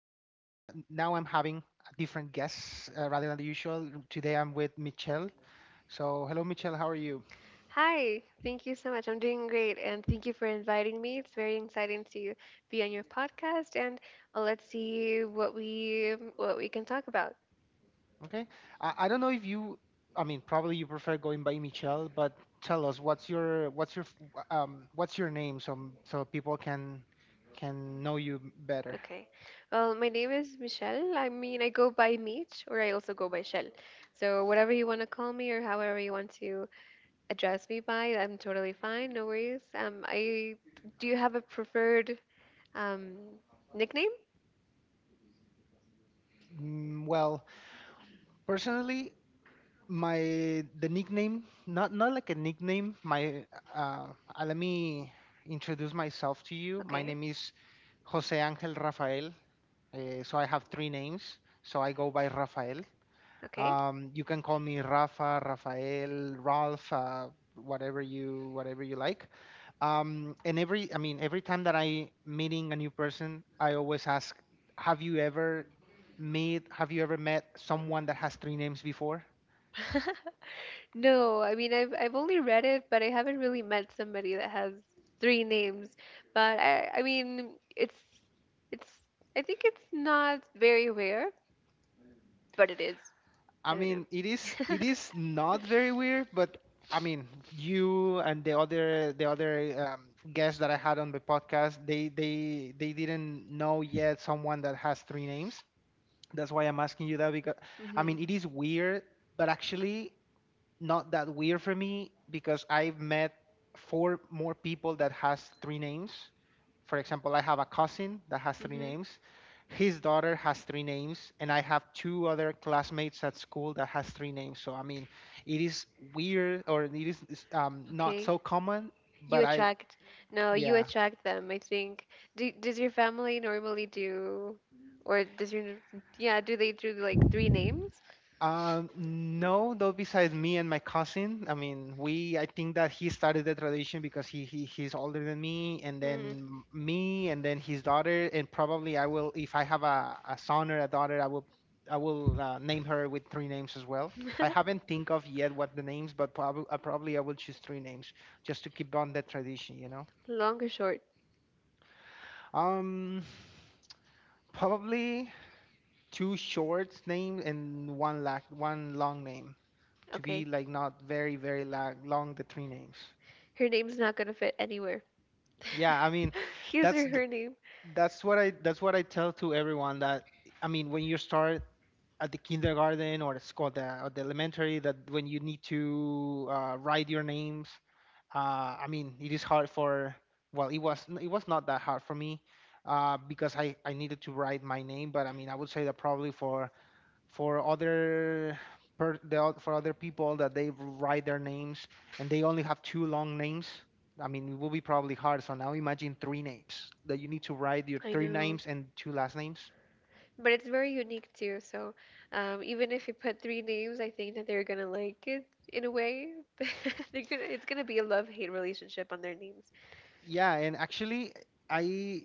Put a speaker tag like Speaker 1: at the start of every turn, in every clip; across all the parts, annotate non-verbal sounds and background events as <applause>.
Speaker 1: Now I'm having a different guests rather than the usual. Today, I'm with Michelle. So, hello, Michelle. How are you?
Speaker 2: Hi, thank you so much. I'm doing great, and thank you for inviting me. It's very exciting to be on your podcast, and let's see what we can talk about.
Speaker 1: Okay. I don't know if you. I mean, probably you prefer going by Michelle, but tell us what's your name so people can know you better.
Speaker 2: Okay. Well, my name is Michelle. I mean, I go by Meech, or I also go by Shell. So whatever you want to call me, or however you want to address me by, I'm totally fine. No worries. I do you have a preferred um nickname?
Speaker 1: Well, personally, my the nickname not like a nickname my uh, let me introduce myself to you. My
Speaker 2: Okay.
Speaker 1: name is Jose Angel Rafael. So I have three names, so I go by Rafael.
Speaker 2: Okay.
Speaker 1: You can call me Rafa, Rafael, Ralph, whatever you like. And every I mean Every time that I meeting a new person I always ask, have you ever met someone that has three names before?
Speaker 2: <laughs> No, I mean I've only read it, but I haven't really met somebody that has three names. But I mean it's I think it's not very rare, but it is.
Speaker 1: I
Speaker 2: I don't know.
Speaker 1: mean, it
Speaker 2: <laughs>
Speaker 1: is it is not very weird, but I mean, you and the other guests that I had on the podcast, they didn't know yet someone that has three names. That's why I'm asking you that. Because I
Speaker 2: Mhm.
Speaker 1: mean, it is weird, but actually, not that weird for me, because I've met four more people that has three names. For example, I have a cousin that has three
Speaker 2: Mhm.
Speaker 1: names. His daughter has three names, and I have two other classmates at school that has three names. So I mean, it is weird, or it's not
Speaker 2: Okay.
Speaker 1: so common,
Speaker 2: You
Speaker 1: but I
Speaker 2: attract. No, you
Speaker 1: yeah.
Speaker 2: attract them, I think. Do, does your family normally do or does your yeah, do they do like three names?
Speaker 1: No, though besides me and my cousin, I mean, I think that he started the tradition because he's older than
Speaker 2: Hmm.
Speaker 1: me, and then his daughter. And probably I will, if I have a son or a daughter, I will name her with three names as well. I
Speaker 2: <laughs>
Speaker 1: haven't think of yet what the names, but probably I will choose three names just to keep on that tradition, you know.
Speaker 2: Long or short?
Speaker 1: Um, Probably two short names and one long name, to
Speaker 2: Okay.
Speaker 1: be like not very long, long, the three names.
Speaker 2: Her name's not gonna fit anywhere.
Speaker 1: Yeah, I mean,
Speaker 2: <laughs> His
Speaker 1: that's
Speaker 2: or
Speaker 1: th-
Speaker 2: her name.
Speaker 1: that's what I tell to everyone that I mean when you start at the kindergarten, or it's called or the elementary, that when you need to write your names. I mean it is hard for, well it was not that hard for me because I needed to write my name. But I mean I would say that probably for other for other people that they write their names and they only have two long names, I mean, it will be probably hard. So now imagine three names that you need to write your
Speaker 2: I
Speaker 1: three
Speaker 2: know.
Speaker 1: names and two last names.
Speaker 2: But it's very unique too. So even if you put three names, I think that they're gonna like it in a way. <laughs> They're gonna it's gonna be a love hate relationship on their names.
Speaker 1: Yeah, and actually, I,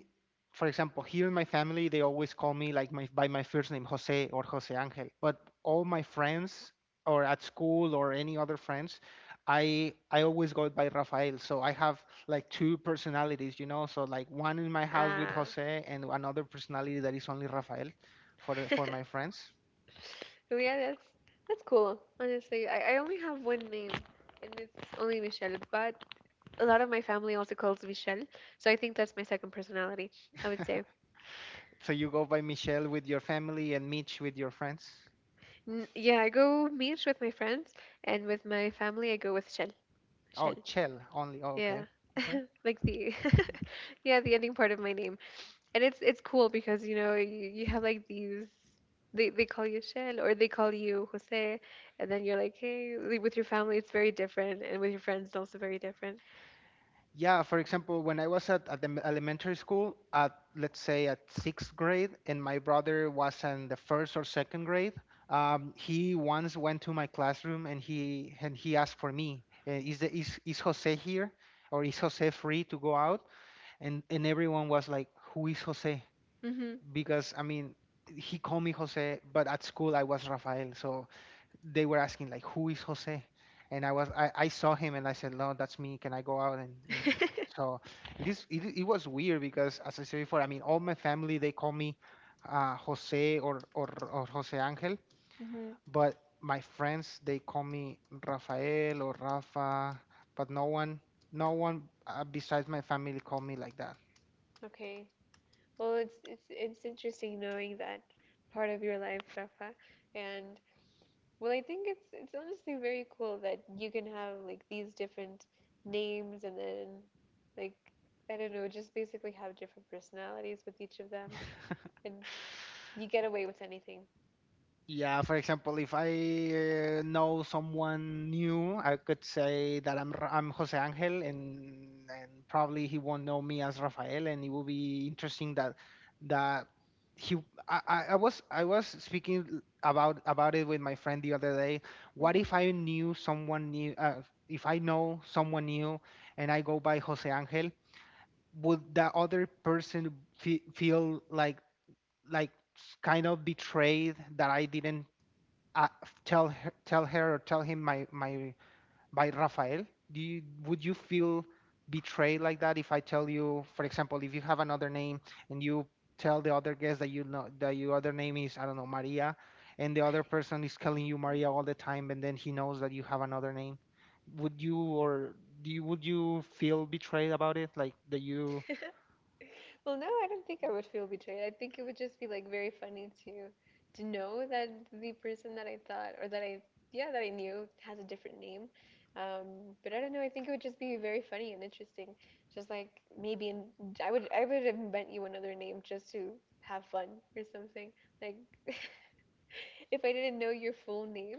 Speaker 1: for example, here in my family, they always call me like my by my first name, Jose or Jose Angel. But all my friends, or at school or any other friends, I always go by Rafael. So I have like two personalities, you know. So like one in my house with
Speaker 2: Ah. <laughs>
Speaker 1: Jose, and another personality that is only Rafael, for for my friends.
Speaker 2: But yeah, that's cool. Honestly, I only have one name and it's only Michelle, but a lot of my family also calls Michelle. So I think that's my second personality, I would say.
Speaker 1: <laughs> So you go by Michelle with your family and Mitch with your friends.
Speaker 2: Yeah, I go Mish with my friends and with my family I go with Shell.
Speaker 1: Oh,
Speaker 2: Shell.
Speaker 1: Chell only. Oh, okay.
Speaker 2: Yeah. <laughs> Like the <laughs> yeah, the ending part of my name. And it's cool because you know, you have like these they call you Shell or they call you Jose and then you're like, "Hey, like, with your family it's very different and with your friends it's also very different."
Speaker 1: Yeah, for example, when I was at, at elementary school, at let's say at sixth grade, and my brother was in the first or second grade, he once went to my classroom and he asked for me, is Jose here, or is Jose free to go out? And everyone was like, who is Jose?
Speaker 2: Mhm.
Speaker 1: Because I mean, he called me Jose, but at school I was Rafael, so they were asking like who is Jose. And I saw him and I said, no, that's me, can I go out? And
Speaker 2: <laughs>
Speaker 1: so it was weird, because as I said before, I mean, all my family they call me Jose, or or Jose Angel,
Speaker 2: Mhm.
Speaker 1: but my friends they call me Rafael or Rafa. But no one, besides my family, call me like that.
Speaker 2: Okay. Well, it's interesting knowing that part of your life, Rafa. And well, I think it's honestly very cool that you can have like these different names and then like I don't know, just basically have different personalities with each of them and you get away with anything.
Speaker 1: Yeah, for example, if I know someone new, I could say that I'm Jose Angel, and probably he won't know me as Rafael, and it will be interesting that that he I was speaking about it with my friend the other day. What if I knew someone new? If I know someone new, and I go by Jose Angel, would that other person fe feel like like kind of betrayed that I didn't uh, tell her or tell him my by Rafael? Do you would you feel betrayed like that if I tell you, for example, if you have another name and you tell the other guest that you know that your other name is I don't know Maria, and the other person is calling you Maria all the time, and then he knows that you have another name? Would you, would you feel betrayed about it? Like that you
Speaker 2: <laughs> Well, no, I don't think I would feel betrayed. I think it would just be like very funny to know that the person that I thought or that I yeah, that I knew has a different name. But I don't know, I think it would just be very funny and interesting. Just like maybe in, I would invent you another name just to have fun or something. Like <laughs> if I didn't know your full name,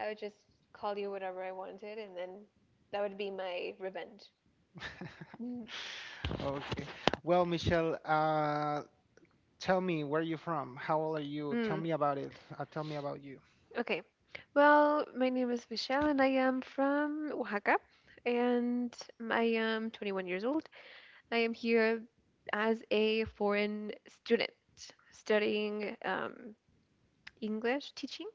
Speaker 2: I would just call you whatever I wanted and then that would be my revenge. <laughs>
Speaker 1: okay? Well, Michelle, tell me where you're from. How old are you? Tell
Speaker 2: Hmm.
Speaker 1: me about it. Tell me about you.
Speaker 2: Okay. Well, my name is Michelle and I am from Oaxaca and I am 21 years old. I am here as a foreign student studying English teaching.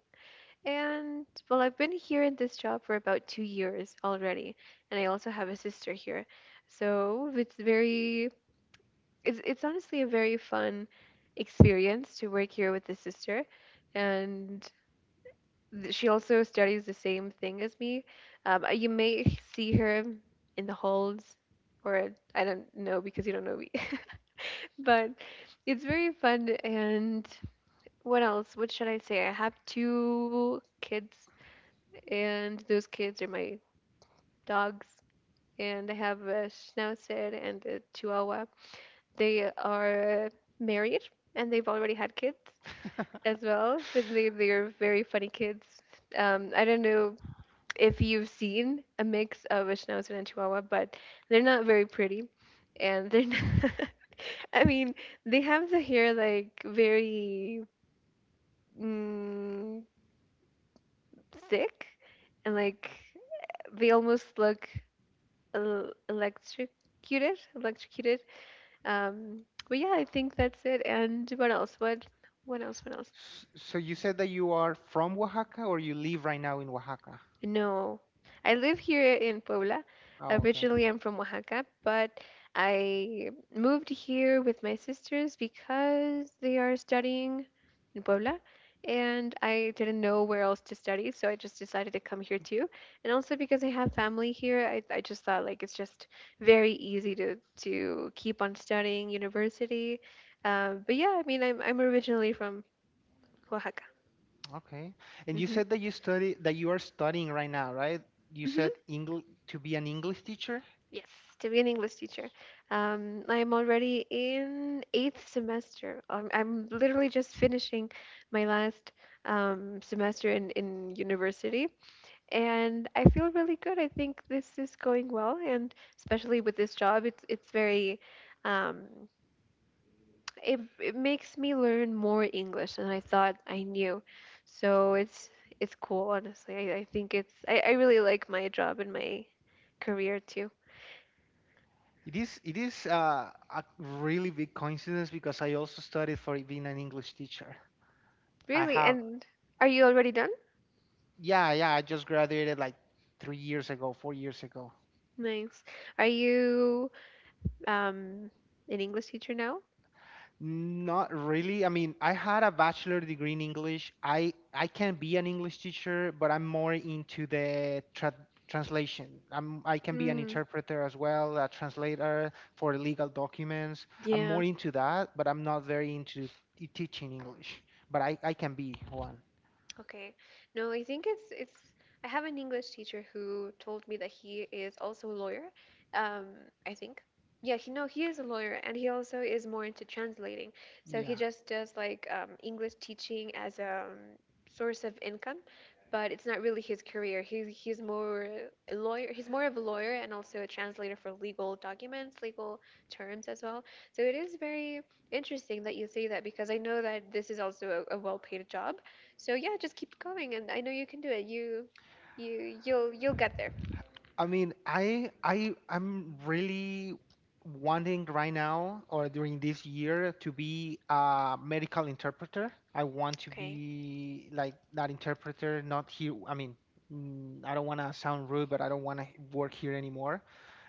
Speaker 2: And well, I've been here in this job for about two years already, and I also have a sister here. So it's very, it's honestly a very fun experience to work here with the sister. And she also studies the same thing as me. You may see her in the halls, or I don't know because you don't know me. <laughs> But it's very fun. And what else? What should I say? I have two kids, and those kids are my dogs. And I have a Schnauzer and a Chihuahua. They are married, and they've already had kids as well. But they are very funny kids. I don't know if you've seen a mix of a schnauzer and chihuahua, but they're not very pretty. And they're not, <laughs> I mean, they have the hair like very mm, thick and like they almost look electrocuted. Um, but yeah, I think that's it. And what else? What What else?
Speaker 1: So you said that you are from Oaxaca, or you live right now in Oaxaca?
Speaker 2: No, I live here in Puebla.
Speaker 1: Oh, okay.
Speaker 2: Originally, I'm from Oaxaca, but I moved here with my sisters because they are studying in Puebla, and I didn't know where else to study, so I just decided to come here too. And also because I have family here, I just thought like it's just very easy to keep on studying university. But yeah, I mean, I'm originally from Oaxaca.
Speaker 1: Okay. And you
Speaker 2: Hmm.
Speaker 1: said that you study, that you are studying right now, right? You
Speaker 2: Hmm.
Speaker 1: said English to be an English teacher?
Speaker 2: Yes, to be an English teacher. I am already in eighth semester. I'm literally just finishing my last semester in university, and I feel really good. I think this is going well, and especially with this job, it's very um, it it makes me learn more English than I thought I knew. So it's cool, honestly. I think it's I really like my job and my career too.
Speaker 1: It is a really big coincidence, because I also studied for being an English teacher. I
Speaker 2: Really?
Speaker 1: have
Speaker 2: And are you already done?
Speaker 1: yeah, I just graduated like 3 years ago, 4 years ago.
Speaker 2: Nice. Are you um an English teacher now?
Speaker 1: Not really. I mean, I had a bachelor degree in English. I can be an English teacher, but I'm more into the translation. I can be an
Speaker 2: Mm,
Speaker 1: interpreter as well, a translator for legal documents. I'm
Speaker 2: yeah.
Speaker 1: more into that, but I'm not very into teaching English. But I can be one.
Speaker 2: Okay. No, I think it's I have an English teacher who told me that he is also a lawyer. Um, I think. Yeah, he no, he is a lawyer and he also is more into translating. So
Speaker 1: Yeah.
Speaker 2: he just does like English teaching as a source of income. But it's not really his career. He's more a lawyer. He's more of a lawyer and also a translator for legal documents, legal terms as well. So it is very interesting that you say that because I know that this is also a well-paid job. So yeah, just keep going, and I know you can do it. You'll get there.
Speaker 1: I mean, I'm really wanting right now, or during this year, to be a medical interpreter. I want to
Speaker 2: Okay.
Speaker 1: be like that interpreter, not here. I mean, I don't want to sound rude, but I don't want to work here anymore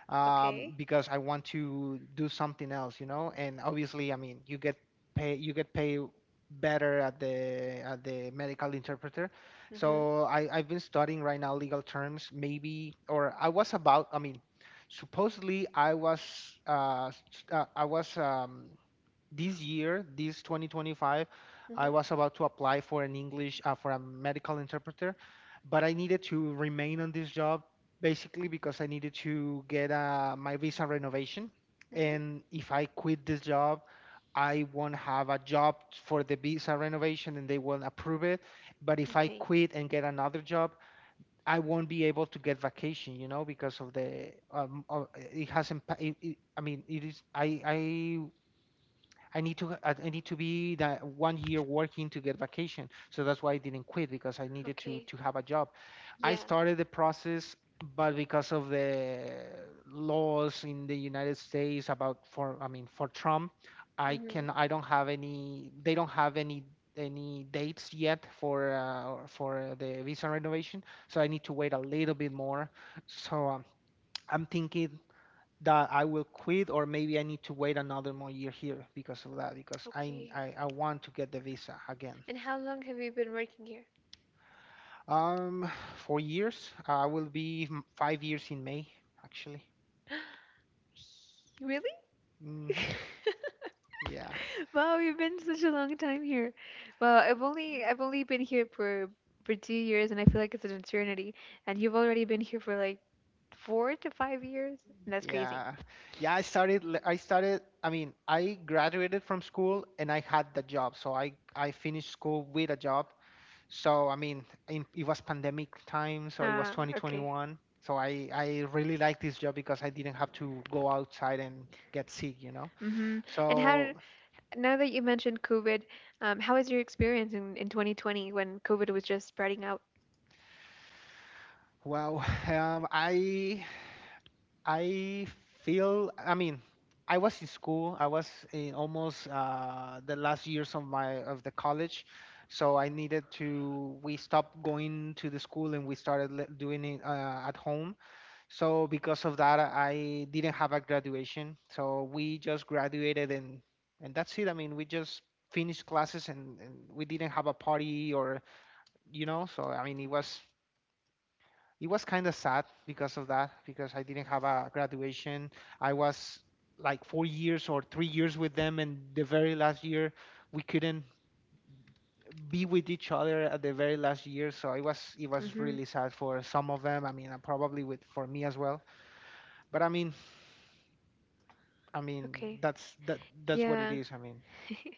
Speaker 2: Okay.
Speaker 1: because I want to do something else, you know. And obviously, I mean, you get paid better at the medical interpreter.
Speaker 2: Mhm.
Speaker 1: So I've been studying right now legal terms, maybe, or I was about. I mean, supposedly I was s- I was this year, this 2025, I
Speaker 2: Mhm.
Speaker 1: was about to apply for an English for a medical interpreter, but I needed to remain on this job, basically because I needed to get my visa renovation.
Speaker 2: Mhm.
Speaker 1: And if I quit this job, I won't have a job for the visa renovation, and they won't approve it. But if I
Speaker 2: Okay.
Speaker 1: quit and get another job, I won't be able to get vacation, you know, because of the it hasn't It, I mean, it is. I I need to be that 1 year working to get vacation. So that's why I didn't quit, because I needed to
Speaker 2: Okay.
Speaker 1: have a job. I
Speaker 2: Yeah.
Speaker 1: started the process, but because of the laws in the United States, about for, I mean, for Trump,
Speaker 2: Mhm.
Speaker 1: I don't have any, they don't have any dates yet for the visa renovation. So I need to wait a little bit more. So I'm thinking that I will quit, or maybe I need to wait another more year here because of that, because
Speaker 2: Okay.
Speaker 1: I want to get the visa again.
Speaker 2: And how long have you been working here?
Speaker 1: Um, 4 years. I will be 5 years in May, actually.
Speaker 2: <gasps> Really? <laughs>
Speaker 1: Hmm. Yeah,
Speaker 2: Wow, you've been such a long time here. Well, I've only been here for two years, and I feel like it's an eternity. And you've already been here for like four to five years. That's crazy.
Speaker 1: yeah, yeah. I started. I mean, I graduated from school and I had the job. So I finished school with a job. So I mean, it was pandemic time, so it was
Speaker 2: Ah, okay.
Speaker 1: 2021. So I really liked this job, because I didn't have to go outside and get sick, you know.
Speaker 2: Mm-hmm. And how,
Speaker 1: So
Speaker 2: now that you mentioned COVID, how was your experience in 2020 when COVID was just spreading out?
Speaker 1: well, <laughs> I feel, I mean, I was in school. I was in almost the last years of my of the college, so I needed to. We stopped going to the school and we started doing it at home. So because of that, I didn't have a graduation. So we just graduated and that's it. I mean, we just finished classes, and we didn't have a party or you know. So I mean, it was kind of sad because of that, because I didn't have a graduation. I was like 4 years or 3 years with them, and the very last year we couldn't be with each other at the very last year. So it was
Speaker 2: Mm-hmm.
Speaker 1: really sad for some of them. I mean, and probably with for me as well. But I mean,
Speaker 2: Okay.
Speaker 1: that's what it
Speaker 2: Yeah.
Speaker 1: is. I mean.
Speaker 2: <laughs>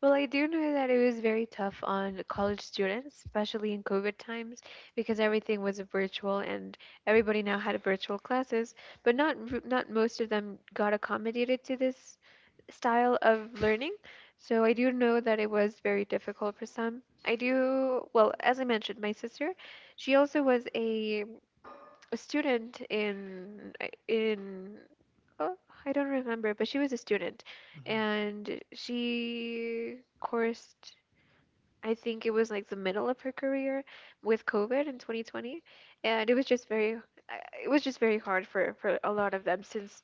Speaker 2: Well, I do know that it was very tough on college students, especially in COVID times, because everything was virtual and everybody now had virtual classes, but not most of them got accommodated to this style of learning. So I do know that it was very difficult for some. I do, well, as I mentioned, my sister, she also was a student in oh, I don't remember, but she was a student
Speaker 1: Hmm.
Speaker 2: and she coursed I think it was like the middle of her career with COVID in 2020, and it was just very it was just very hard for a lot of them, since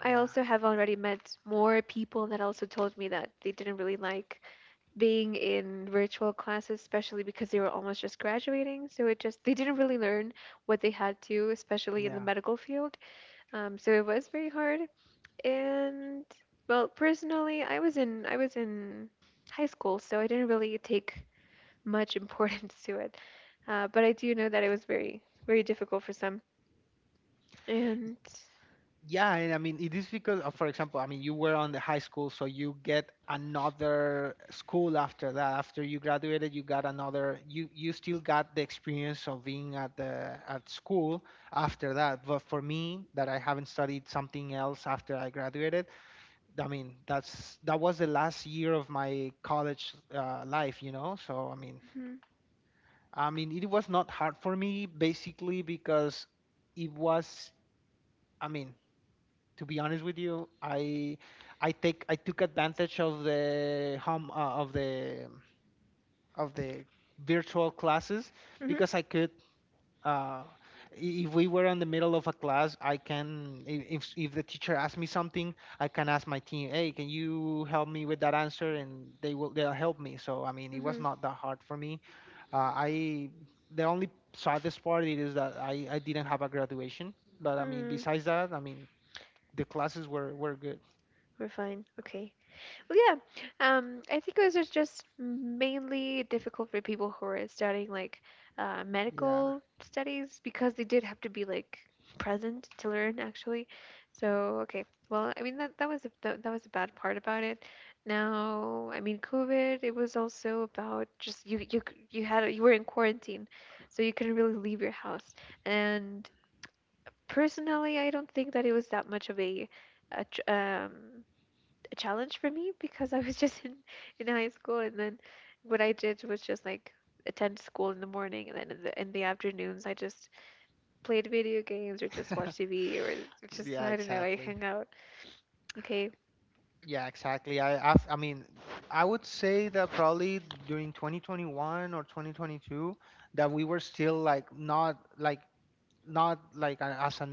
Speaker 2: I
Speaker 1: Yeah,
Speaker 2: also have already met more people that also told me that they didn't really like being in virtual classes, especially because they were almost just graduating, so it just they didn't really learn what they had to, especially in the
Speaker 1: yeah,
Speaker 2: medical field. So it was very hard. And well personally I was in high school, so I didn't really take much <laughs> importance to it. But I do know that it was very, very difficult for some. And.
Speaker 1: yeah. And I mean, it is because, for example, I mean, you were on the high school, so you get another school after that. After you graduated, you got another. You still got the experience of being at school after that. But for me, that I haven't studied something else after I graduated, I mean, that was the last year of my college life. So I mean,
Speaker 2: Hmm.
Speaker 1: it was not hard for me basically because it was. I mean, to be honest with you, I took advantage of the home of the virtual classes
Speaker 2: Hmm.
Speaker 1: because I could. Uh, if we were in the middle of a class, I can I- if the teacher asks me something, I can ask my team, "Hey, can you help me with that answer?" And they'll help me. So I mean, it was
Speaker 2: Hmm.
Speaker 1: not that hard for me. Uh, I the only saddest part it is that I didn't have a graduation, but I mean
Speaker 2: Hmm.
Speaker 1: besides that, I mean the classes were good.
Speaker 2: We're fine. Okay. Well, yeah, I think those are just mainly difficult for people who are studying like
Speaker 1: Yeah,
Speaker 2: medical studies because they did have to be like present to learn actually. So okay, well, I mean that that was a bad part about it. Now, I mean, COVID, it was also about just you were in quarantine, so you couldn't really leave your house. And personally, I don't think that it was that much of a a challenge for me because I was <laughs> just in high school and then what I did was just like attend school in the morning and then in the afternoons I just played video games or just watched TV or just
Speaker 1: yeah,
Speaker 2: I don't know I
Speaker 1: exactly.
Speaker 2: hung out. Okay.
Speaker 1: Yeah, exactly. I mean I would say that probably during 2021 or 2022 that we were still like not like as a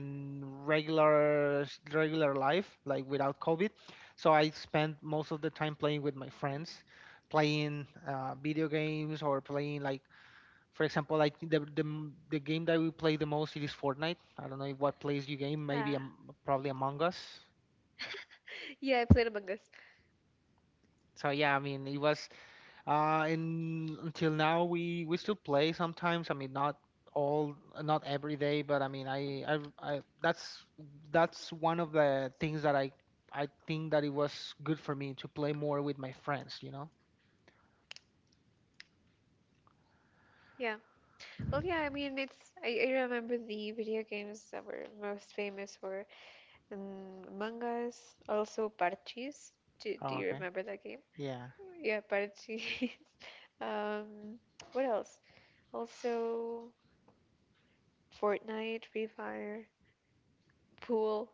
Speaker 1: regular regular life like without covid, so I spent most of the time playing with my friends, playing video games or playing, like, for example, like the game that we play the most, it is fortnite. I don't know what plays you game. Maybe,
Speaker 2: Ah.
Speaker 1: probably among us.
Speaker 2: Yeah, I played Among Us.
Speaker 1: So yeah, I mean it was. And until now, we still play sometimes. I mean, not all, not every day, but I mean, I that's one of the things that I think that it was good for me to play more with my friends, you know?
Speaker 2: Yeah, well yeah I mean it's I remember the video games that were most famous were Among Us, also Parchis, do, do
Speaker 1: Oh,
Speaker 2: you
Speaker 1: okay.
Speaker 2: remember that game?
Speaker 1: Yeah.
Speaker 2: Yeah, Parchis. <laughs> Um, what else? Also, Fortnite, Free Fire, Pool.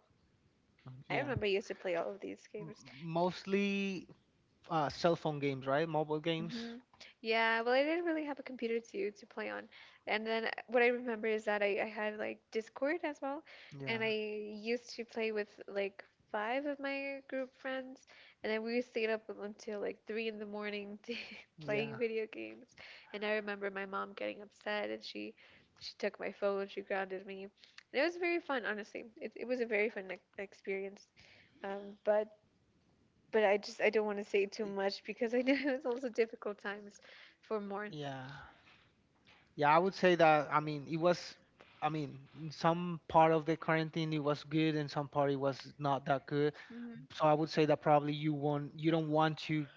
Speaker 1: Mm,
Speaker 2: I
Speaker 1: yeah.
Speaker 2: remember I used to play all of these games.
Speaker 1: Mostly cell phone games, right? Mobile games.
Speaker 2: Mhm. Yeah, well, I didn't really have a computer to play on. And then what I remember is that I had like Discord as well, and I
Speaker 1: Yeah.
Speaker 2: used to play with like 5 of my group friends, and then we stayed up until like 3 in the morning <laughs> to playing
Speaker 1: Yeah.
Speaker 2: video games. And I remember my mom getting upset, and she took my phone, she grounded me, and it was very fun, honestly. It was a very fun experience. Um, but but I don't want to say too much because I know <laughs> it's also difficult times for more.
Speaker 1: Yeah. Yeah, I would say that, I mean, it was, I mean, in some part of the quarantine it was good and some part it was not that good.
Speaker 2: Hmm.
Speaker 1: So I would say that probably you don't want to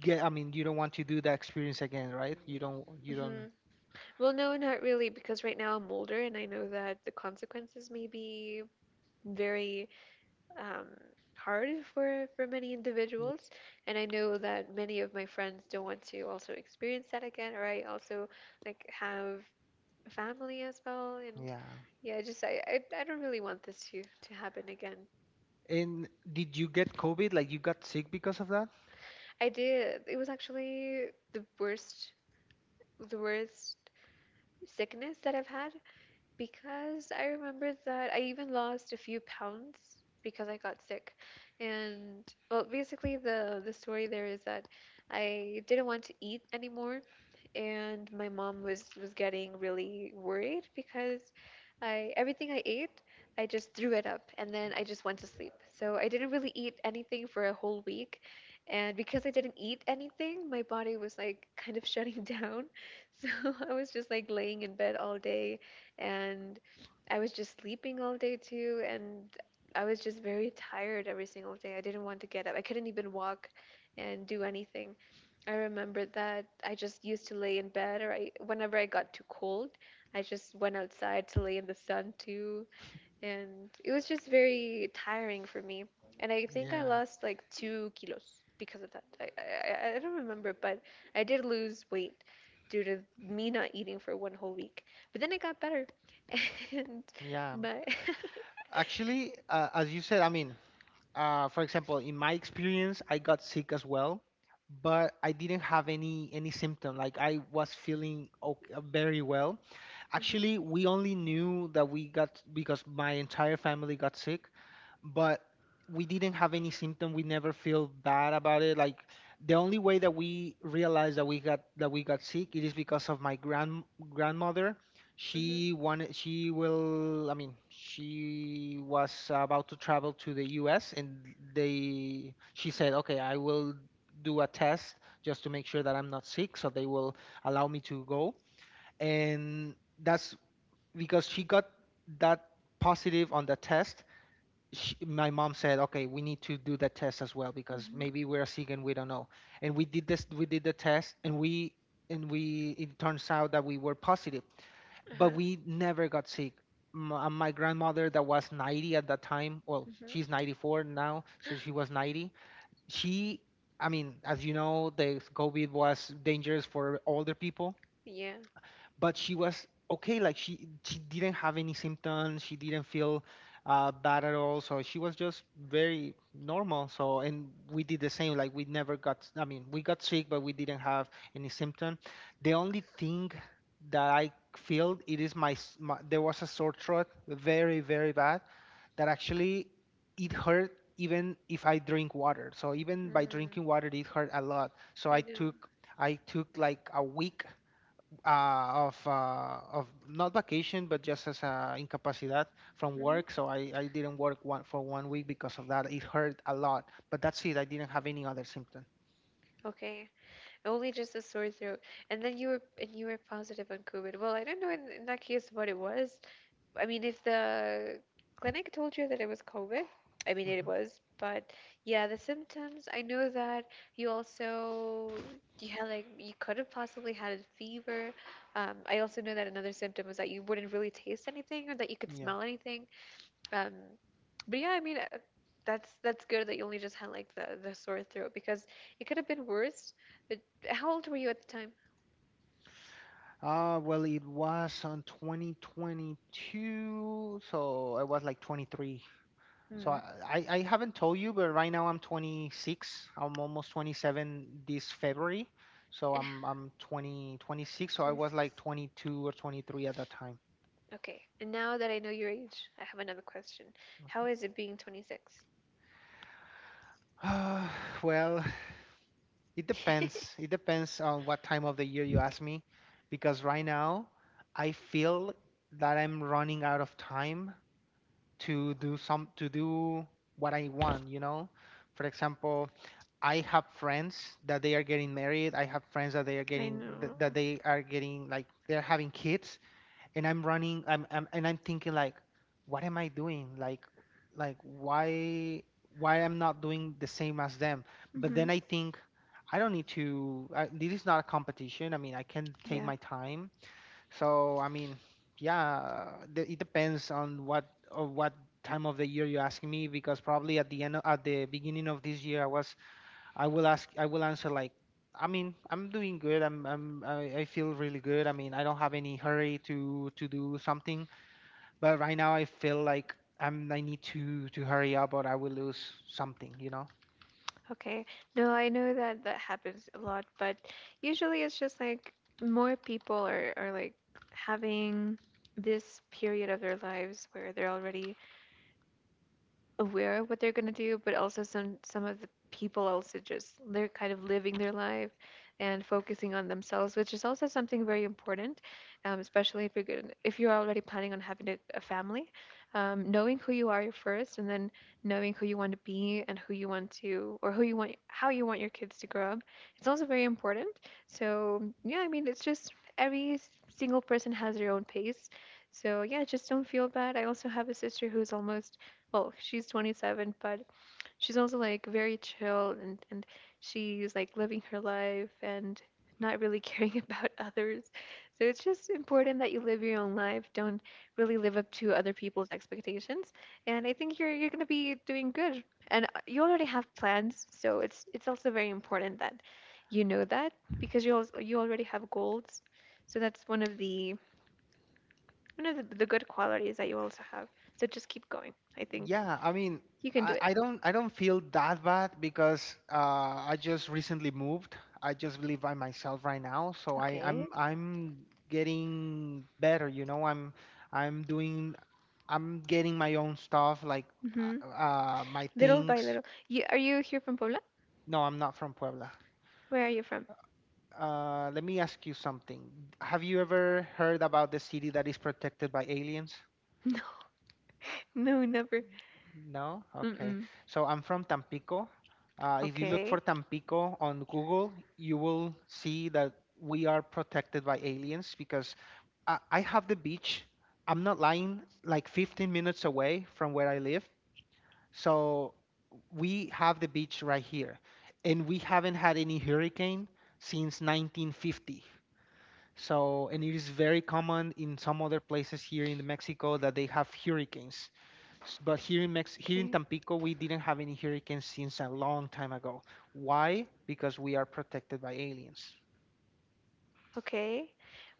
Speaker 1: get, I mean, you don't want to do that experience again, right? You
Speaker 2: Hmm.
Speaker 1: don't,
Speaker 2: Well, no, not really, because right now I'm older and I know that the consequences may be very um, hard for many individuals, and I know that many of my friends don't want to also experience that again, or I also like have a family as well, and
Speaker 1: Yeah.
Speaker 2: yeah, I just I don't really want this to happen again.
Speaker 1: And did you get COVID? Like you got sick because of that?
Speaker 2: I did. It was actually the worst sickness that I've had because I remember that I even lost a few pounds because I got sick. And well, basically the story there is that I didn't want to eat anymore, and my mom was getting really worried because I everything I ate, I just threw it up and then I just went to sleep. So I didn't really eat anything for a whole week. And because I didn't eat anything, my body was like kind of shutting down. <laughs> So I was just like laying in bed all day and I was just sleeping all day too, and I was just very tired every single day. I didn't want to get up. I couldn't even walk and do anything. I remember that I just used to lay in bed, or whenever I got too cold, I just went outside to lay in the sun too, and it was just very tiring for me and I think I
Speaker 1: Yeah,
Speaker 2: lost like 2 kilos because of that. I don't remember, but I did lose weight due to me not eating for one whole week. But then I got better, <laughs> and
Speaker 1: yeah.
Speaker 2: my <laughs>
Speaker 1: Actually, as you said, I mean, for example, in my experience, I got sick as well, but I didn't have any symptom. Like I was feeling okay, very well.
Speaker 2: Mhm.
Speaker 1: Actually, we only knew that we got because my entire family got sick, but we didn't have any symptom. We never feel bad about it. Like the only way that we realized that we got sick, it is because of my grandmother.
Speaker 2: Mhm.
Speaker 1: She wanted. She will. I mean, she was about to travel to the U.S. and they. She said, "Okay, I will do a test just to make sure that I'm not sick, so they will allow me to go." And that's because she got that positive on the test. Sh My mom said, "Okay, we need to do that test as well because
Speaker 2: Mhm.
Speaker 1: maybe we're sick and we don't know." And we did this. We did the test, and we it turns out that we were positive, but
Speaker 2: Uh-huh.
Speaker 1: we never got sick. My grandmother, that was 90 at that time, well,
Speaker 2: Mhm.
Speaker 1: she's 94 now, so she was 90. She, I mean, as you know, the COVID was dangerous for older people,
Speaker 2: Yeah.
Speaker 1: but she was okay, like she didn't have any symptoms. She didn't feel bad at all, so she was just very normal. So and we did the same, like we never got. I mean, we got sick but we didn't have any symptom. The only thing that I feel, it is my, s- my there was a sore throat, very, very bad, that actually it hurt even if I drink water. So even by
Speaker 2: Mm,
Speaker 1: drinking water it hurt a lot, so i
Speaker 2: I know.
Speaker 1: took i took like a week of not vacation, but just as a incapacidad from
Speaker 2: Mhm.
Speaker 1: work. So I didn't work 1 week because of that. It hurt a lot, but that's it. I didn't have any other symptom.
Speaker 2: Okay, only just a sore throat, and then you were positive on COVID. Well, I don't know in that case what it was, I mean, if the clinic told you that it was COVID, I mean, it
Speaker 1: Hmm.
Speaker 2: was, but yeah, the symptoms, I know that you also, you had like, you could have possibly had a fever. I also know that another symptom was that you wouldn't really taste anything or that you could
Speaker 1: Yeah.
Speaker 2: smell anything. Um, but yeah, I mean, that's good that you only just had like the sore throat because it could have been worse. But how old were you at the time?
Speaker 1: Well, it was on 2022, so I was like 23. So
Speaker 2: Hmm.
Speaker 1: I haven't told you, but right now I'm 26. I'm almost 27 this February. So
Speaker 2: And
Speaker 1: I'm 20 26. So I was
Speaker 2: 26.
Speaker 1: like 22 or 23 at that time.
Speaker 2: Okay, and now that I know your age, I have another question. How
Speaker 1: Okay.
Speaker 2: is it being 26?
Speaker 1: <sighs> Uh, well, it depends.
Speaker 2: <laughs>
Speaker 1: It depends on what time of the year you ask me, because right now I feel that I'm running out of time to do what I want, you know? For example, I have friends that they are getting married. I have friends that they are getting, like, they're having kids, and I'm running I'm and I'm thinking, like, what am I doing, like, why I'm not doing the same as them, but
Speaker 2: Hmm.
Speaker 1: then I think I don't need to. This is not a competition. I mean I can take
Speaker 2: Yeah.
Speaker 1: my time, so I mean, yeah, it depends on what time of the year you're asking me, because probably at the beginning of this year I was. I will ask. I will answer like, I mean, I'm doing good. I feel really good. I mean, I don't have any hurry to do something. But right now, I feel like I need to hurry up, or I will lose something.
Speaker 2: Okay. No, I know that that happens a lot, but usually it's just like more people are like having this period of their lives where they're already aware of what they're gonna do, but also some of the people also just they're kind of living their life and focusing on themselves, which is also something very important, especially if you're good, if you're already planning on having a family, knowing who you are first, and then knowing who you want to be and who you want to or who you want how you want your kids to grow up. It's also very important. So yeah, I mean it's just every single person has their own pace. So yeah, just don't feel bad. I also have a sister who's almost, well, she's 27, but she's also like very chill and she's like living her life and not really <laughs> caring about others. So it's just important that you live your own life. Don't really live up to other people's expectations. And I think you're gonna be doing good. And you already have plans, so it's also very important that you know that because you already have goals. So that's one of the good qualities that you also have. So just keep going. I think
Speaker 1: Yeah. I mean,
Speaker 2: you can do it.
Speaker 1: I don't feel that bad because I just recently moved. I just live by myself right now, so I. I'm.
Speaker 2: Okay.
Speaker 1: I'm getting better. I'm doing I'm getting my own stuff, like
Speaker 2: Hmm.
Speaker 1: my
Speaker 2: Little by
Speaker 1: things.
Speaker 2: little. You are you here from Puebla?
Speaker 1: No, I'm not from Puebla.
Speaker 2: Where are you from?
Speaker 1: Let me ask you something. Have you ever heard about the city that is protected by aliens?
Speaker 2: <laughs> No, no, never.
Speaker 1: No? Okay.
Speaker 2: Mm-mm.
Speaker 1: So I'm from Tampico. If you look for
Speaker 2: Okay.
Speaker 1: Tampico on Google, you will see that we are protected by aliens because I have the beach. I'm not lying, like 15 minutes away from where I live. So we have the beach right here, and we haven't had any hurricane since 1950. So, and it is very common in some other places here in Mexico that they have hurricanes. But here in
Speaker 2: Okay.
Speaker 1: Tampico, we didn't have any hurricanes since a long time ago. Why? Because we are protected by aliens.
Speaker 2: Okay.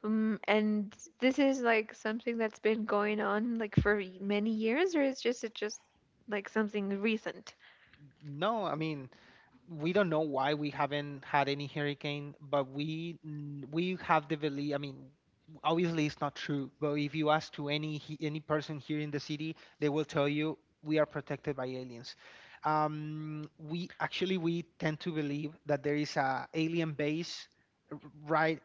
Speaker 2: And this is like something that's been going on like for many years, or is just it just like something recent?
Speaker 1: No, I mean we don't know why we haven't had any hurricane, but we have the belief. I mean, obviously it's not true, but if you ask to any person here in the city, they will tell you we are protected by aliens. We actually we tend to believe that there is a alien base r- right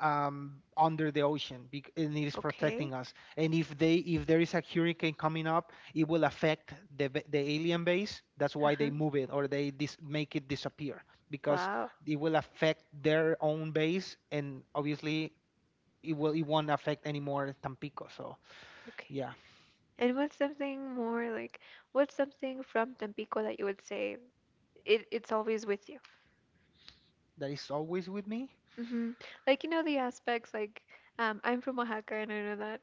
Speaker 1: under the ocean, and it is protecting
Speaker 2: Okay.
Speaker 1: us. And if there is a hurricane coming up, it will affect the alien base. That's why they
Speaker 2: Uh-huh.
Speaker 1: move it or they make it disappear, because
Speaker 2: Wow.
Speaker 1: it will affect their own base and, obviously, it won't affect anymore Tampico. So
Speaker 2: Okay.
Speaker 1: yeah,
Speaker 2: And what's something more, like what's something from Tampico that you would say it's always with you?
Speaker 1: that is always with me.
Speaker 2: Hmm. Like you know the aspects like I'm from Oaxaca and I know that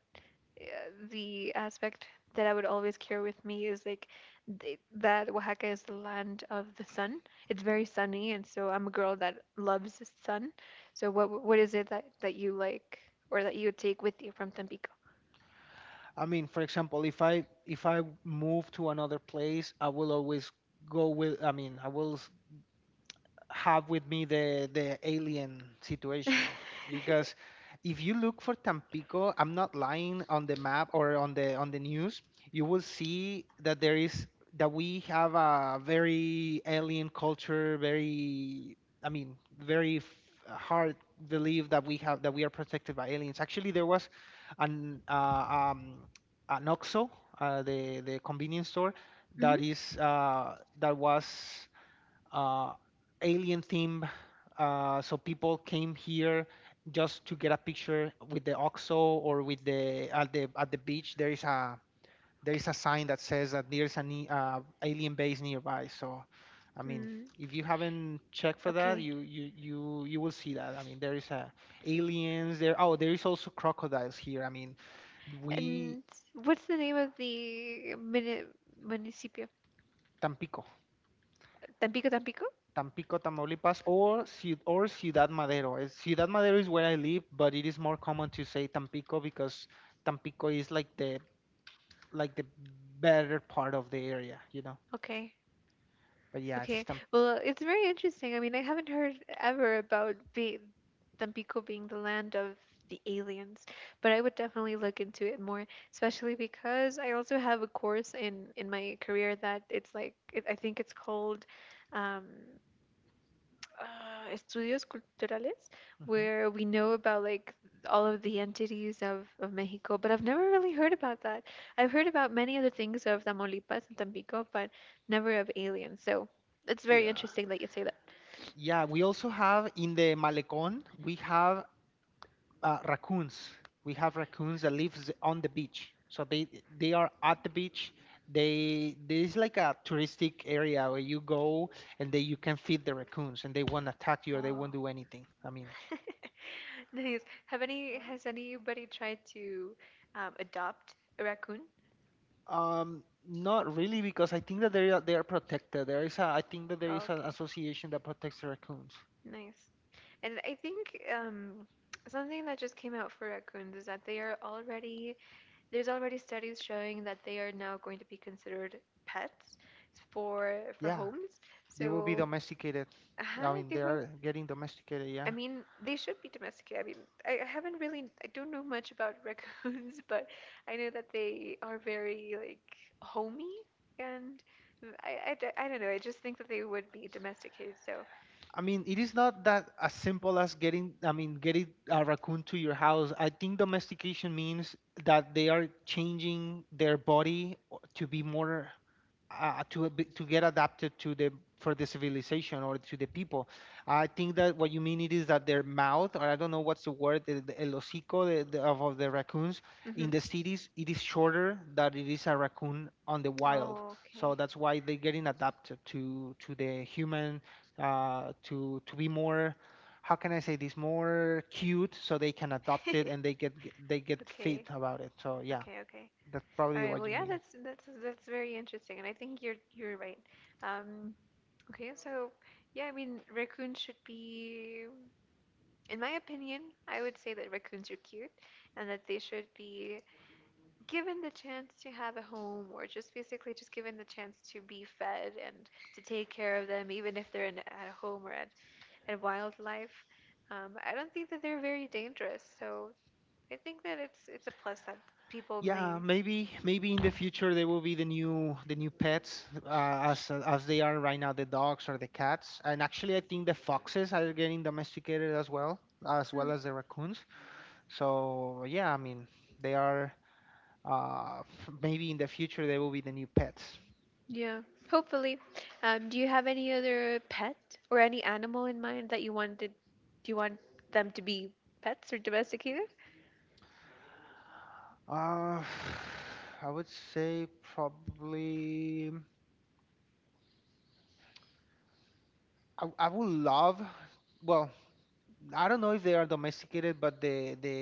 Speaker 2: uh, the aspect that I would always carry with me is like that Oaxaca is the land of the sun. It's very sunny, and so I'm a girl that loves the sun. So what is it that you like or that you would take with you from Tampico?
Speaker 1: I mean, for example, if I move to another place, I will always go with. I mean, I will have with me the alien situation,
Speaker 2: <laughs>
Speaker 1: because if you look for Tampico, I'm not lying, on the map or on the news, you will see that there is that we have a very alien culture, very. I mean, very hard belief that we have that we are protected by aliens. Actually, there was an uh, um, an OXXO, the convenience store that
Speaker 2: Hmm.
Speaker 1: is uh, that was uh, alien theme. So people came here just to get a picture with the OXO or with the at the at the beach. There is a there
Speaker 2: Okay.
Speaker 1: is a sign that says that there's an alien base nearby. So I mean,
Speaker 2: Mm,
Speaker 1: if you haven't checked for that,
Speaker 2: okay.
Speaker 1: you will see that. I mean, there is a aliens there. Oh, there is also crocodiles here. I mean, we
Speaker 2: And what's the name of the mini municipio?
Speaker 1: Tampico.
Speaker 2: Tampico, Tampico?
Speaker 1: Tampico, Tamaulipas, or Ciudad Madero. Ciudad Madero is where I live, but it is more common to say Tampico because Tampico is like the better part of the area, you know.
Speaker 2: Okay.
Speaker 1: But yeah, it's
Speaker 2: Okay. Well, it's very interesting. I mean, I haven't heard ever about be Tampico being the land of the aliens, but I would definitely look into it more, especially because I also have a course in my career that it's like I think it's called um estudios culturales
Speaker 1: Mhm.
Speaker 2: where we know about like all of the entities of Mexico, but I've never really heard about that. I've heard about many other things of Tamaulipas and Tampico, but never of aliens. So it's very
Speaker 1: Yeah.
Speaker 2: interesting that you say that.
Speaker 1: Yeah, we also have in the Malecón, we have raccoons. We have raccoons that lives on the beach. So they are at the beach. They There's like a touristic area where you go and they you can feed the raccoons and they won't attack you or they
Speaker 2: Oh,
Speaker 1: won't do anything.
Speaker 2: <laughs> nice. Have any Has anybody tried to adopt a raccoon?
Speaker 1: Not really because I think that they are protected. There is a I think that there
Speaker 2: Oh,
Speaker 1: is an
Speaker 2: okay,
Speaker 1: association that protects the raccoons.
Speaker 2: nice. And I think something that just came out for raccoons is that they are already there's already studies showing that they are now going to be considered pets for
Speaker 1: Yeah,
Speaker 2: homes.
Speaker 1: they will be
Speaker 2: So,
Speaker 1: domesticated. I mean,
Speaker 2: they
Speaker 1: they
Speaker 2: will.
Speaker 1: are getting domesticated.
Speaker 2: I
Speaker 1: Yeah.
Speaker 2: mean, they should be domesticated. I mean, I haven't really, I don't know much about <laughs> raccoons, but I know that they are very like homey, and I don't know. I just think that they would be domesticated. So,
Speaker 1: I mean, it is not that as simple as getting, I mean, getting a raccoon to your house. I think domestication means that they are changing their body to be more to get adapted to the for the civilization or to the people. I think that what you mean it is that their mouth, or I don't know what's the word, el hocico of the raccoons
Speaker 2: Hmm.
Speaker 1: in the cities, it is shorter than it is a raccoon on the wild.
Speaker 2: Oh,
Speaker 1: So
Speaker 2: okay,
Speaker 1: that's why they're getting adapted to the human, to be more. How can I say this? More cute, so they can adopt it and
Speaker 2: <laughs>
Speaker 1: they get fit
Speaker 2: okay,
Speaker 1: about it. So yeah,
Speaker 2: okay, okay.
Speaker 1: that's
Speaker 2: All
Speaker 1: probably
Speaker 2: right.
Speaker 1: what
Speaker 2: Well,
Speaker 1: you
Speaker 2: yeah,
Speaker 1: mean.
Speaker 2: that's very interesting, and I think you're right. Um, Okay, so yeah, I mean, raccoons should be, in my opinion, I would say that raccoons are cute and that they should be given the chance to have a home or just basically just given the chance to be fed and to take care of them, even if they're at a home or at wildlife. I don't think that they're very dangerous, so I think that it's a plus that people
Speaker 1: Yeah,
Speaker 2: may.
Speaker 1: maybe in the future they will be the new pets as they are right now, the dogs or the cats. And actually, I think the foxes are getting domesticated as well, as well as the raccoons. So yeah, I mean they are uh, <sighs> maybe in the future they will be the new pets.
Speaker 2: Yeah, hopefully. Do you have any other pet or any animal in mind that you wanted? Do you want them to be pets or domesticated?
Speaker 1: Uh, <sighs> I would say probably I would love well I don't know if they are domesticated, but the the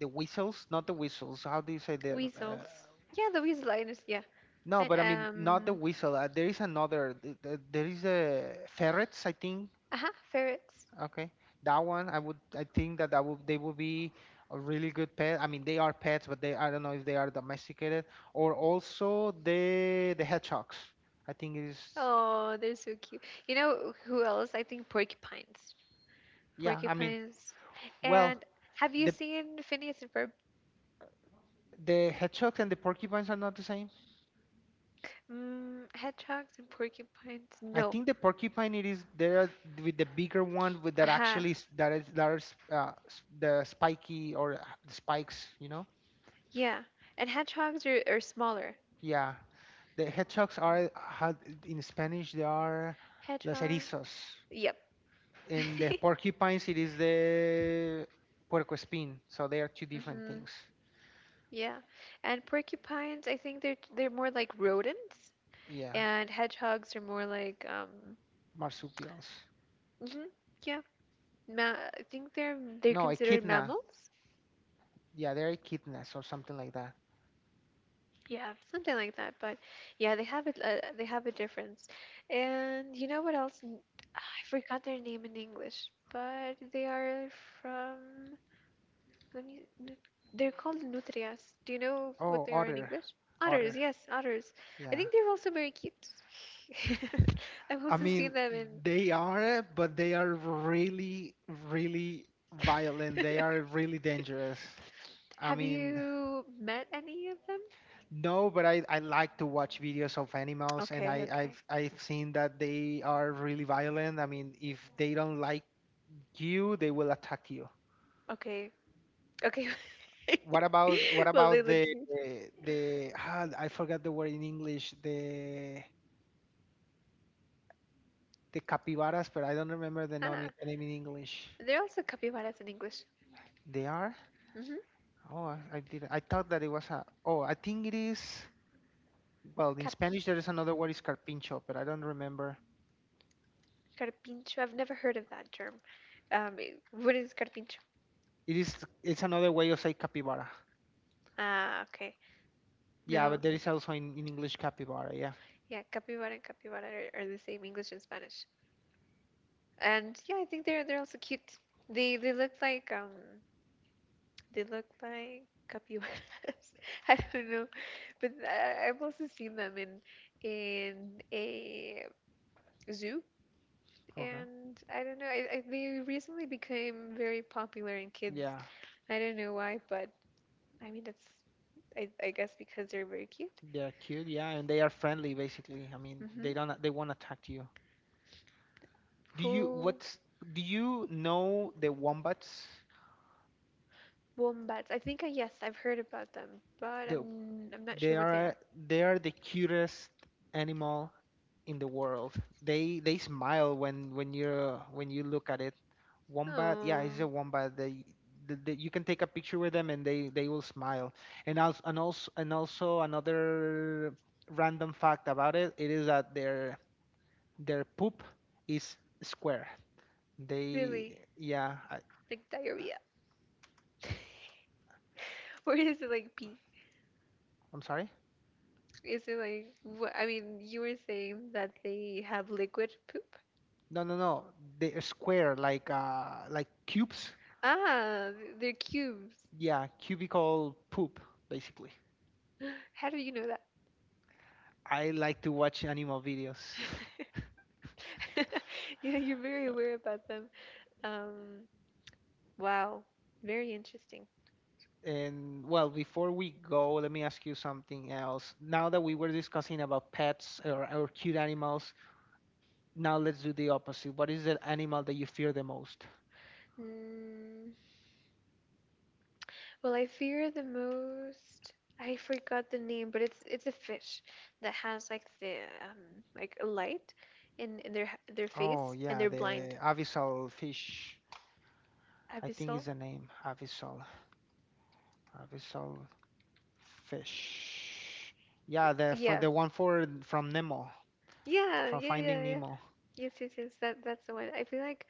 Speaker 1: the whistles, not the whistles. How do you say the?
Speaker 2: Weasels. Yeah, the weasel liners. Yeah.
Speaker 1: No,
Speaker 2: And,
Speaker 1: but I mean not the
Speaker 2: um.
Speaker 1: whistle. There is another. There is a ferrets, I think.
Speaker 2: Uh-huh, ferrets.
Speaker 1: Okay, that one I would. I think that that would they would be a really good pet. I mean they are pets, but they I don't know if they are domesticated or also the hedgehogs. I think it is.
Speaker 2: Oh, they're so cute. You know who else? I think porcupines.
Speaker 1: Yeah, I mean
Speaker 2: Porcupines.
Speaker 1: well
Speaker 2: And have you
Speaker 1: the
Speaker 2: seen Phineas and Ferb?
Speaker 1: the hedgehogs and the porcupines are not the same.
Speaker 2: Mm, hedgehogs and porcupines?
Speaker 1: I
Speaker 2: No.
Speaker 1: think the porcupine it is there with the bigger one with that
Speaker 2: Uh-huh.
Speaker 1: actually that is the spiky or the spikes, you know?
Speaker 2: Yeah. And hedgehogs are smaller.
Speaker 1: Yeah. The hedgehogs are had in Spanish they are los
Speaker 2: Hedgehog.
Speaker 1: erizos.
Speaker 2: Yep.
Speaker 1: In the
Speaker 2: <laughs>
Speaker 1: porcupines it is the puercoespín. So they are two different
Speaker 2: Hmm.
Speaker 1: things.
Speaker 2: Yeah. And porcupines, I think they're more like rodents,
Speaker 1: Yeah.
Speaker 2: and hedgehogs are more like
Speaker 1: Marsupials.
Speaker 2: hmm yeah, ma I think they're
Speaker 1: No,
Speaker 2: considered
Speaker 1: echidna.
Speaker 2: mammals.
Speaker 1: Yeah, they're echidnas or something like that.
Speaker 2: Yeah, something like that. But yeah, they have a difference. And you know what else? I forgot their name in English, but they are from Nutri- nut- they're called nutrias. Do you know what
Speaker 1: Oh,
Speaker 2: they are in
Speaker 1: otter.
Speaker 2: English? Otters,
Speaker 1: Otter.
Speaker 2: yes, otters. I
Speaker 1: Yeah.
Speaker 2: think they're also very cute. <laughs> I've
Speaker 1: I
Speaker 2: also
Speaker 1: mean,
Speaker 2: seen them in.
Speaker 1: they are, but they are really violent. They are
Speaker 2: <laughs>
Speaker 1: really dangerous. I
Speaker 2: Have
Speaker 1: mean,
Speaker 2: you met any of them?
Speaker 1: no, but I like to watch videos of animals, and
Speaker 2: Okay, okay,
Speaker 1: I've seen that they are really violent. I mean, if they don't like you, they will attack you.
Speaker 2: okay, okay.
Speaker 1: What about what
Speaker 2: <laughs> Well, they
Speaker 1: about
Speaker 2: look cute.
Speaker 1: the I forgot the word in English the capybaras, but I don't remember
Speaker 2: Ah,
Speaker 1: the name in English.
Speaker 2: they're also capybaras in English.
Speaker 1: They are?
Speaker 2: Mm-hmm.
Speaker 1: Oh, I did. I thought that it was a. Oh, I think it is. Well, in
Speaker 2: Capi,
Speaker 1: Spanish there is another word is carpincho, but I don't remember.
Speaker 2: carpincho. I've never heard of that term. Um, what is carpincho?
Speaker 1: It is. It's another way of say capybara.
Speaker 2: Ah, okay.
Speaker 1: Yeah,
Speaker 2: No.
Speaker 1: but there is also in English capybara. Yeah,
Speaker 2: Yeah, capybara and capybara are the same English and Spanish. And yeah, I think they're also cute. They look like capybaras. <laughs> I don't know, but I've also seen them in a zoo,
Speaker 1: okay.
Speaker 2: and I don't know. They recently became very popular in kids.
Speaker 1: Yeah.
Speaker 2: I don't know why, but I mean I guess because they're very cute.
Speaker 1: They are cute. Yeah, and they are friendly. Basically, I mean, they
Speaker 2: Hmm.
Speaker 1: don't. They won't attack you. Do you
Speaker 2: Who
Speaker 1: what's Do you know the wombats?
Speaker 2: Wombats. I think, yes, I've heard about them, but
Speaker 1: The
Speaker 2: I'm not sure
Speaker 1: they
Speaker 2: what they are.
Speaker 1: are they are the cutest animal in the world. They smile when you're when you look at it. Wombat, yeah, it's
Speaker 2: Oh,
Speaker 1: a wombat. The you can take a picture with them and they will smile. And also another random fact about it, it is that their poop is square. They
Speaker 2: really?
Speaker 1: yeah, I,
Speaker 2: Like diarrhea. <laughs> Or is it like pee?
Speaker 1: I'm sorry.
Speaker 2: Is it like, what? I mean, you were saying that they have liquid poop?
Speaker 1: No, they are square like cubes.
Speaker 2: Ah, they're cubes.
Speaker 1: Yeah, cubical poop basically.
Speaker 2: <gasps> How do you know that?
Speaker 1: I like to watch animal videos.
Speaker 2: <laughs> Yeah, you're very aware about them. Um, wow, very interesting.
Speaker 1: And well, before we go, let me ask you something else. Now that we were discussing about pets or cute animals, now let's do the opposite. What is the animal that you fear the most?
Speaker 2: Mm. Well, I fear the most. I forgot the name, but it's a fish that has like a light in their their
Speaker 1: Oh,
Speaker 2: face and
Speaker 1: yeah,
Speaker 2: they're blind.
Speaker 1: the abyssal fish. I think is
Speaker 2: Abyssal.
Speaker 1: the name. Abyssal. Abyssal fish. Yeah, the for
Speaker 2: Yeah.
Speaker 1: the one for from Nemo,
Speaker 2: Yeah,
Speaker 1: from
Speaker 2: yeah,
Speaker 1: Finding
Speaker 2: yeah, yeah.
Speaker 1: Nemo.
Speaker 2: Yes, yes, yes. That's the one. I feel like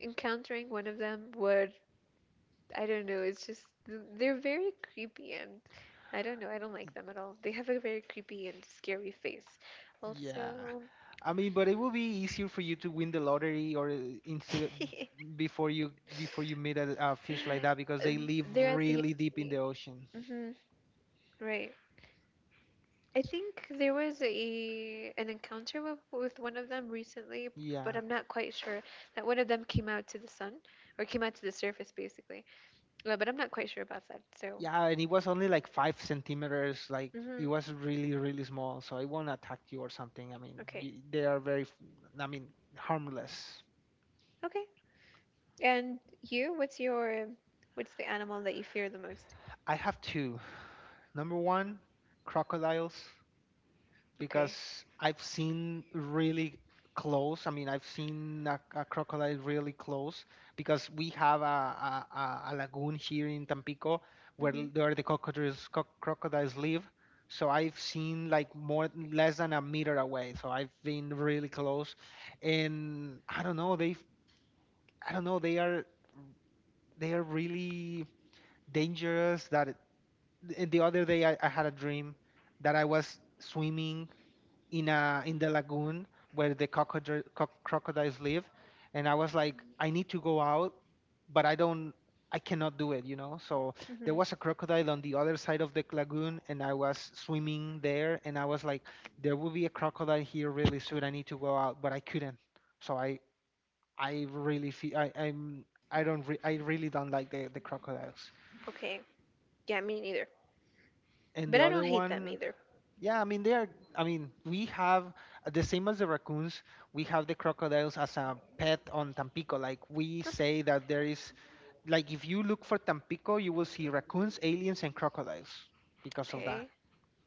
Speaker 2: encountering one of them would, I don't know, it's just they're very creepy and I don't know, I don't like them at all. They have a very creepy and scary face.
Speaker 1: Yeah.
Speaker 2: Also,
Speaker 1: I mean, but it would be easier for you to win the lottery or instead
Speaker 2: <laughs>
Speaker 1: before you meet a fish like that because they live
Speaker 2: they're at the.
Speaker 1: really deep in the ocean.
Speaker 2: Mhm. Right. I think there was a an encounter with one of them recently, but
Speaker 1: Yeah.
Speaker 2: I'm not quite sure that one of them came out to the sun or came out to the surface basically. But I'm not quite sure about that. So,
Speaker 1: Yeah, and it was only like 5 cm. Like
Speaker 2: mhm,
Speaker 1: it was really, really small, so it won't attack you or something. I mean,
Speaker 2: okay,
Speaker 1: y they are I mean, harmless.
Speaker 2: okay. And you, what's the animal that you fear the most?
Speaker 1: I have two. Number one, crocodiles.
Speaker 2: Okay.
Speaker 1: Because I've seen really close. I mean, I've seen a crocodile really close because we have a lagoon here in Tampico where
Speaker 2: Mhm,
Speaker 1: the crocodiles live. So I've seen like more less than a meter away. So I've been really close, and I don't know. They I don't know. They are really dangerous. And the other day I had a dream that I was swimming in a in the lagoon where crocodiles live, and I was like, I need to go out, but I don't, I cannot do it, you know. So there
Speaker 2: mhm.
Speaker 1: was a crocodile on the other side of the lagoon, and I was swimming there, and I was like, there will be a crocodile here really soon. I need to go out, but I couldn't. So I really feel I I'm I don't I really don't like the crocodiles.
Speaker 2: Okay. Yeah, me neither.
Speaker 1: And
Speaker 2: But
Speaker 1: the
Speaker 2: I don't
Speaker 1: other
Speaker 2: hate them
Speaker 1: one,
Speaker 2: either.
Speaker 1: yeah, I mean they are. I mean we have the same as the raccoons. We have the crocodiles as a pet on Tampico. Like we
Speaker 2: Up.
Speaker 1: say that there is like if you look for Tampico, you will see raccoons, aliens, and crocodiles because of
Speaker 2: Okay.
Speaker 1: that.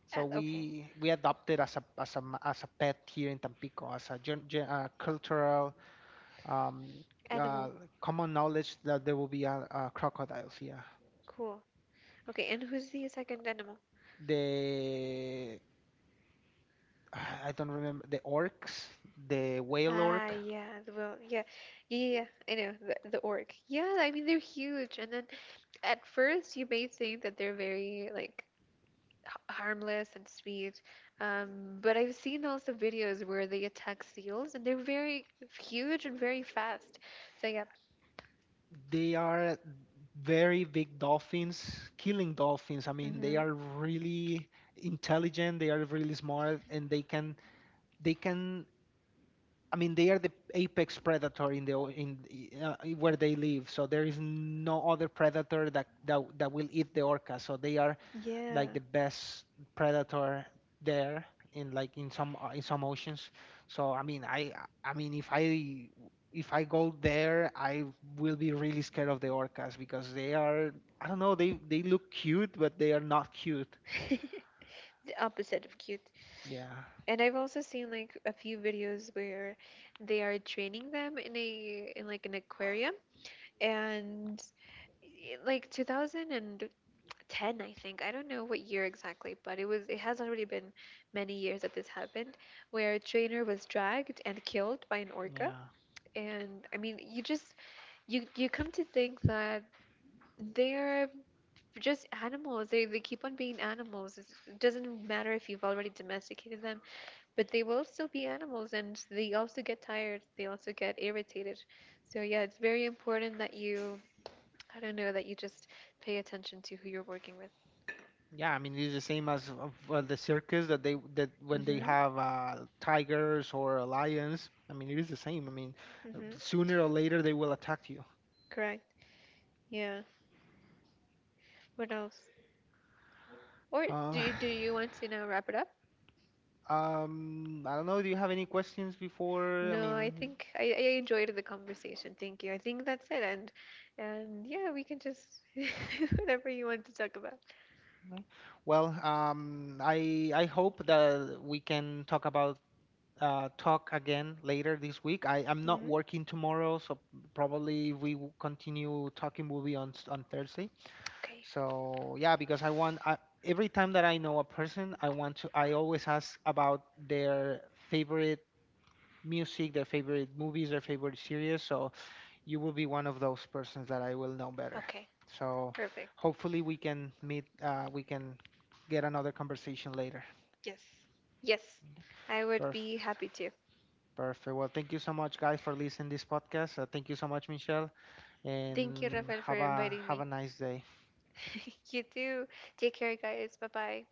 Speaker 1: So
Speaker 2: Okay.
Speaker 1: we adopted as a as a pet here in Tampico as a cultural um,
Speaker 2: Animal.
Speaker 1: uh, common knowledge that there will be crocodiles. Yeah,
Speaker 2: Cool. Okay. And who's the second animal?
Speaker 1: the <sighs> I don't remember the orcs, the whale
Speaker 2: Ah,
Speaker 1: orc
Speaker 2: yeah. Well, yeah, yeah, yeah, yeah, I know the orc. Yeah, I mean they're huge, and then at first you may think that they're very like harmless and sweet, but I've seen also videos where they attack seals, and they're very huge and very fast. So yeah,
Speaker 1: they are very big dolphins, killing dolphins. I mean, they
Speaker 2: mm-hmm,
Speaker 1: are really intelligent, they are really smart, and they can they can. I mean, they are the apex predator in where they live. So there is no other predator that will eat the orca. So they are like
Speaker 2: yeah,
Speaker 1: the best predator there in like in some oceans. So I mean, I mean, if I if I go there, I will be really scared of the orcas because they are I don't know they look cute, but they are not cute.
Speaker 2: <laughs> the opposite of cute.
Speaker 1: Yeah,
Speaker 2: And I've also seen like a few videos where they are training them in a in like an aquarium and like 2010, I think I don't know what year exactly, but it has already been many years that this happened, where a trainer was dragged and killed by an orca,
Speaker 1: yeah,
Speaker 2: and I mean you just you you come to think that they're just animals, they keep on being animals. It doesn't matter if you've already domesticated them, but they will still be animals and they also get tired, they also get irritated, so yeah it's very important that you, I don't know, that you just pay attention to who you're working with.
Speaker 1: yeah. I mean, it's the same as of, the circus that they that when they
Speaker 2: Mm-hmm.
Speaker 1: have tigers or lions. I mean, it is the same. I mean,
Speaker 2: Mm-hmm.
Speaker 1: sooner or later they will attack you.
Speaker 2: Correct. Yeah. What else? Or
Speaker 1: Uh,
Speaker 2: do you want to now wrap it up?
Speaker 1: I don't know. Do you have any questions before? I
Speaker 2: No, I
Speaker 1: mean,
Speaker 2: think I enjoyed the conversation. Thank you. I think that's it. And yeah, we can just <laughs> whatever you want to talk about.
Speaker 1: okay. Well, I hope that we can talk about talk again later this week. I'm not
Speaker 2: Mm.
Speaker 1: working tomorrow, so probably if we continue talking, will be on on Thursday.
Speaker 2: Okay.
Speaker 1: So yeah, because every time that I know a person, I want to. I always ask about their favorite music, their favorite movies, their favorite series. So you will be one of those persons that I will know better.
Speaker 2: Okay.
Speaker 1: So
Speaker 2: Perfect.
Speaker 1: hopefully we can meet, we can get another conversation later.
Speaker 2: Yes. Yes. I would be
Speaker 1: Perfect.
Speaker 2: happy to.
Speaker 1: Perfect. Well, thank you so much, guys, for listening this podcast. Thank you so much, Michelle,
Speaker 2: Thank you,
Speaker 1: and
Speaker 2: Rafael, for inviting
Speaker 1: have
Speaker 2: me.
Speaker 1: a nice day.
Speaker 2: <laughs> You too. Take care, guys. Bye bye.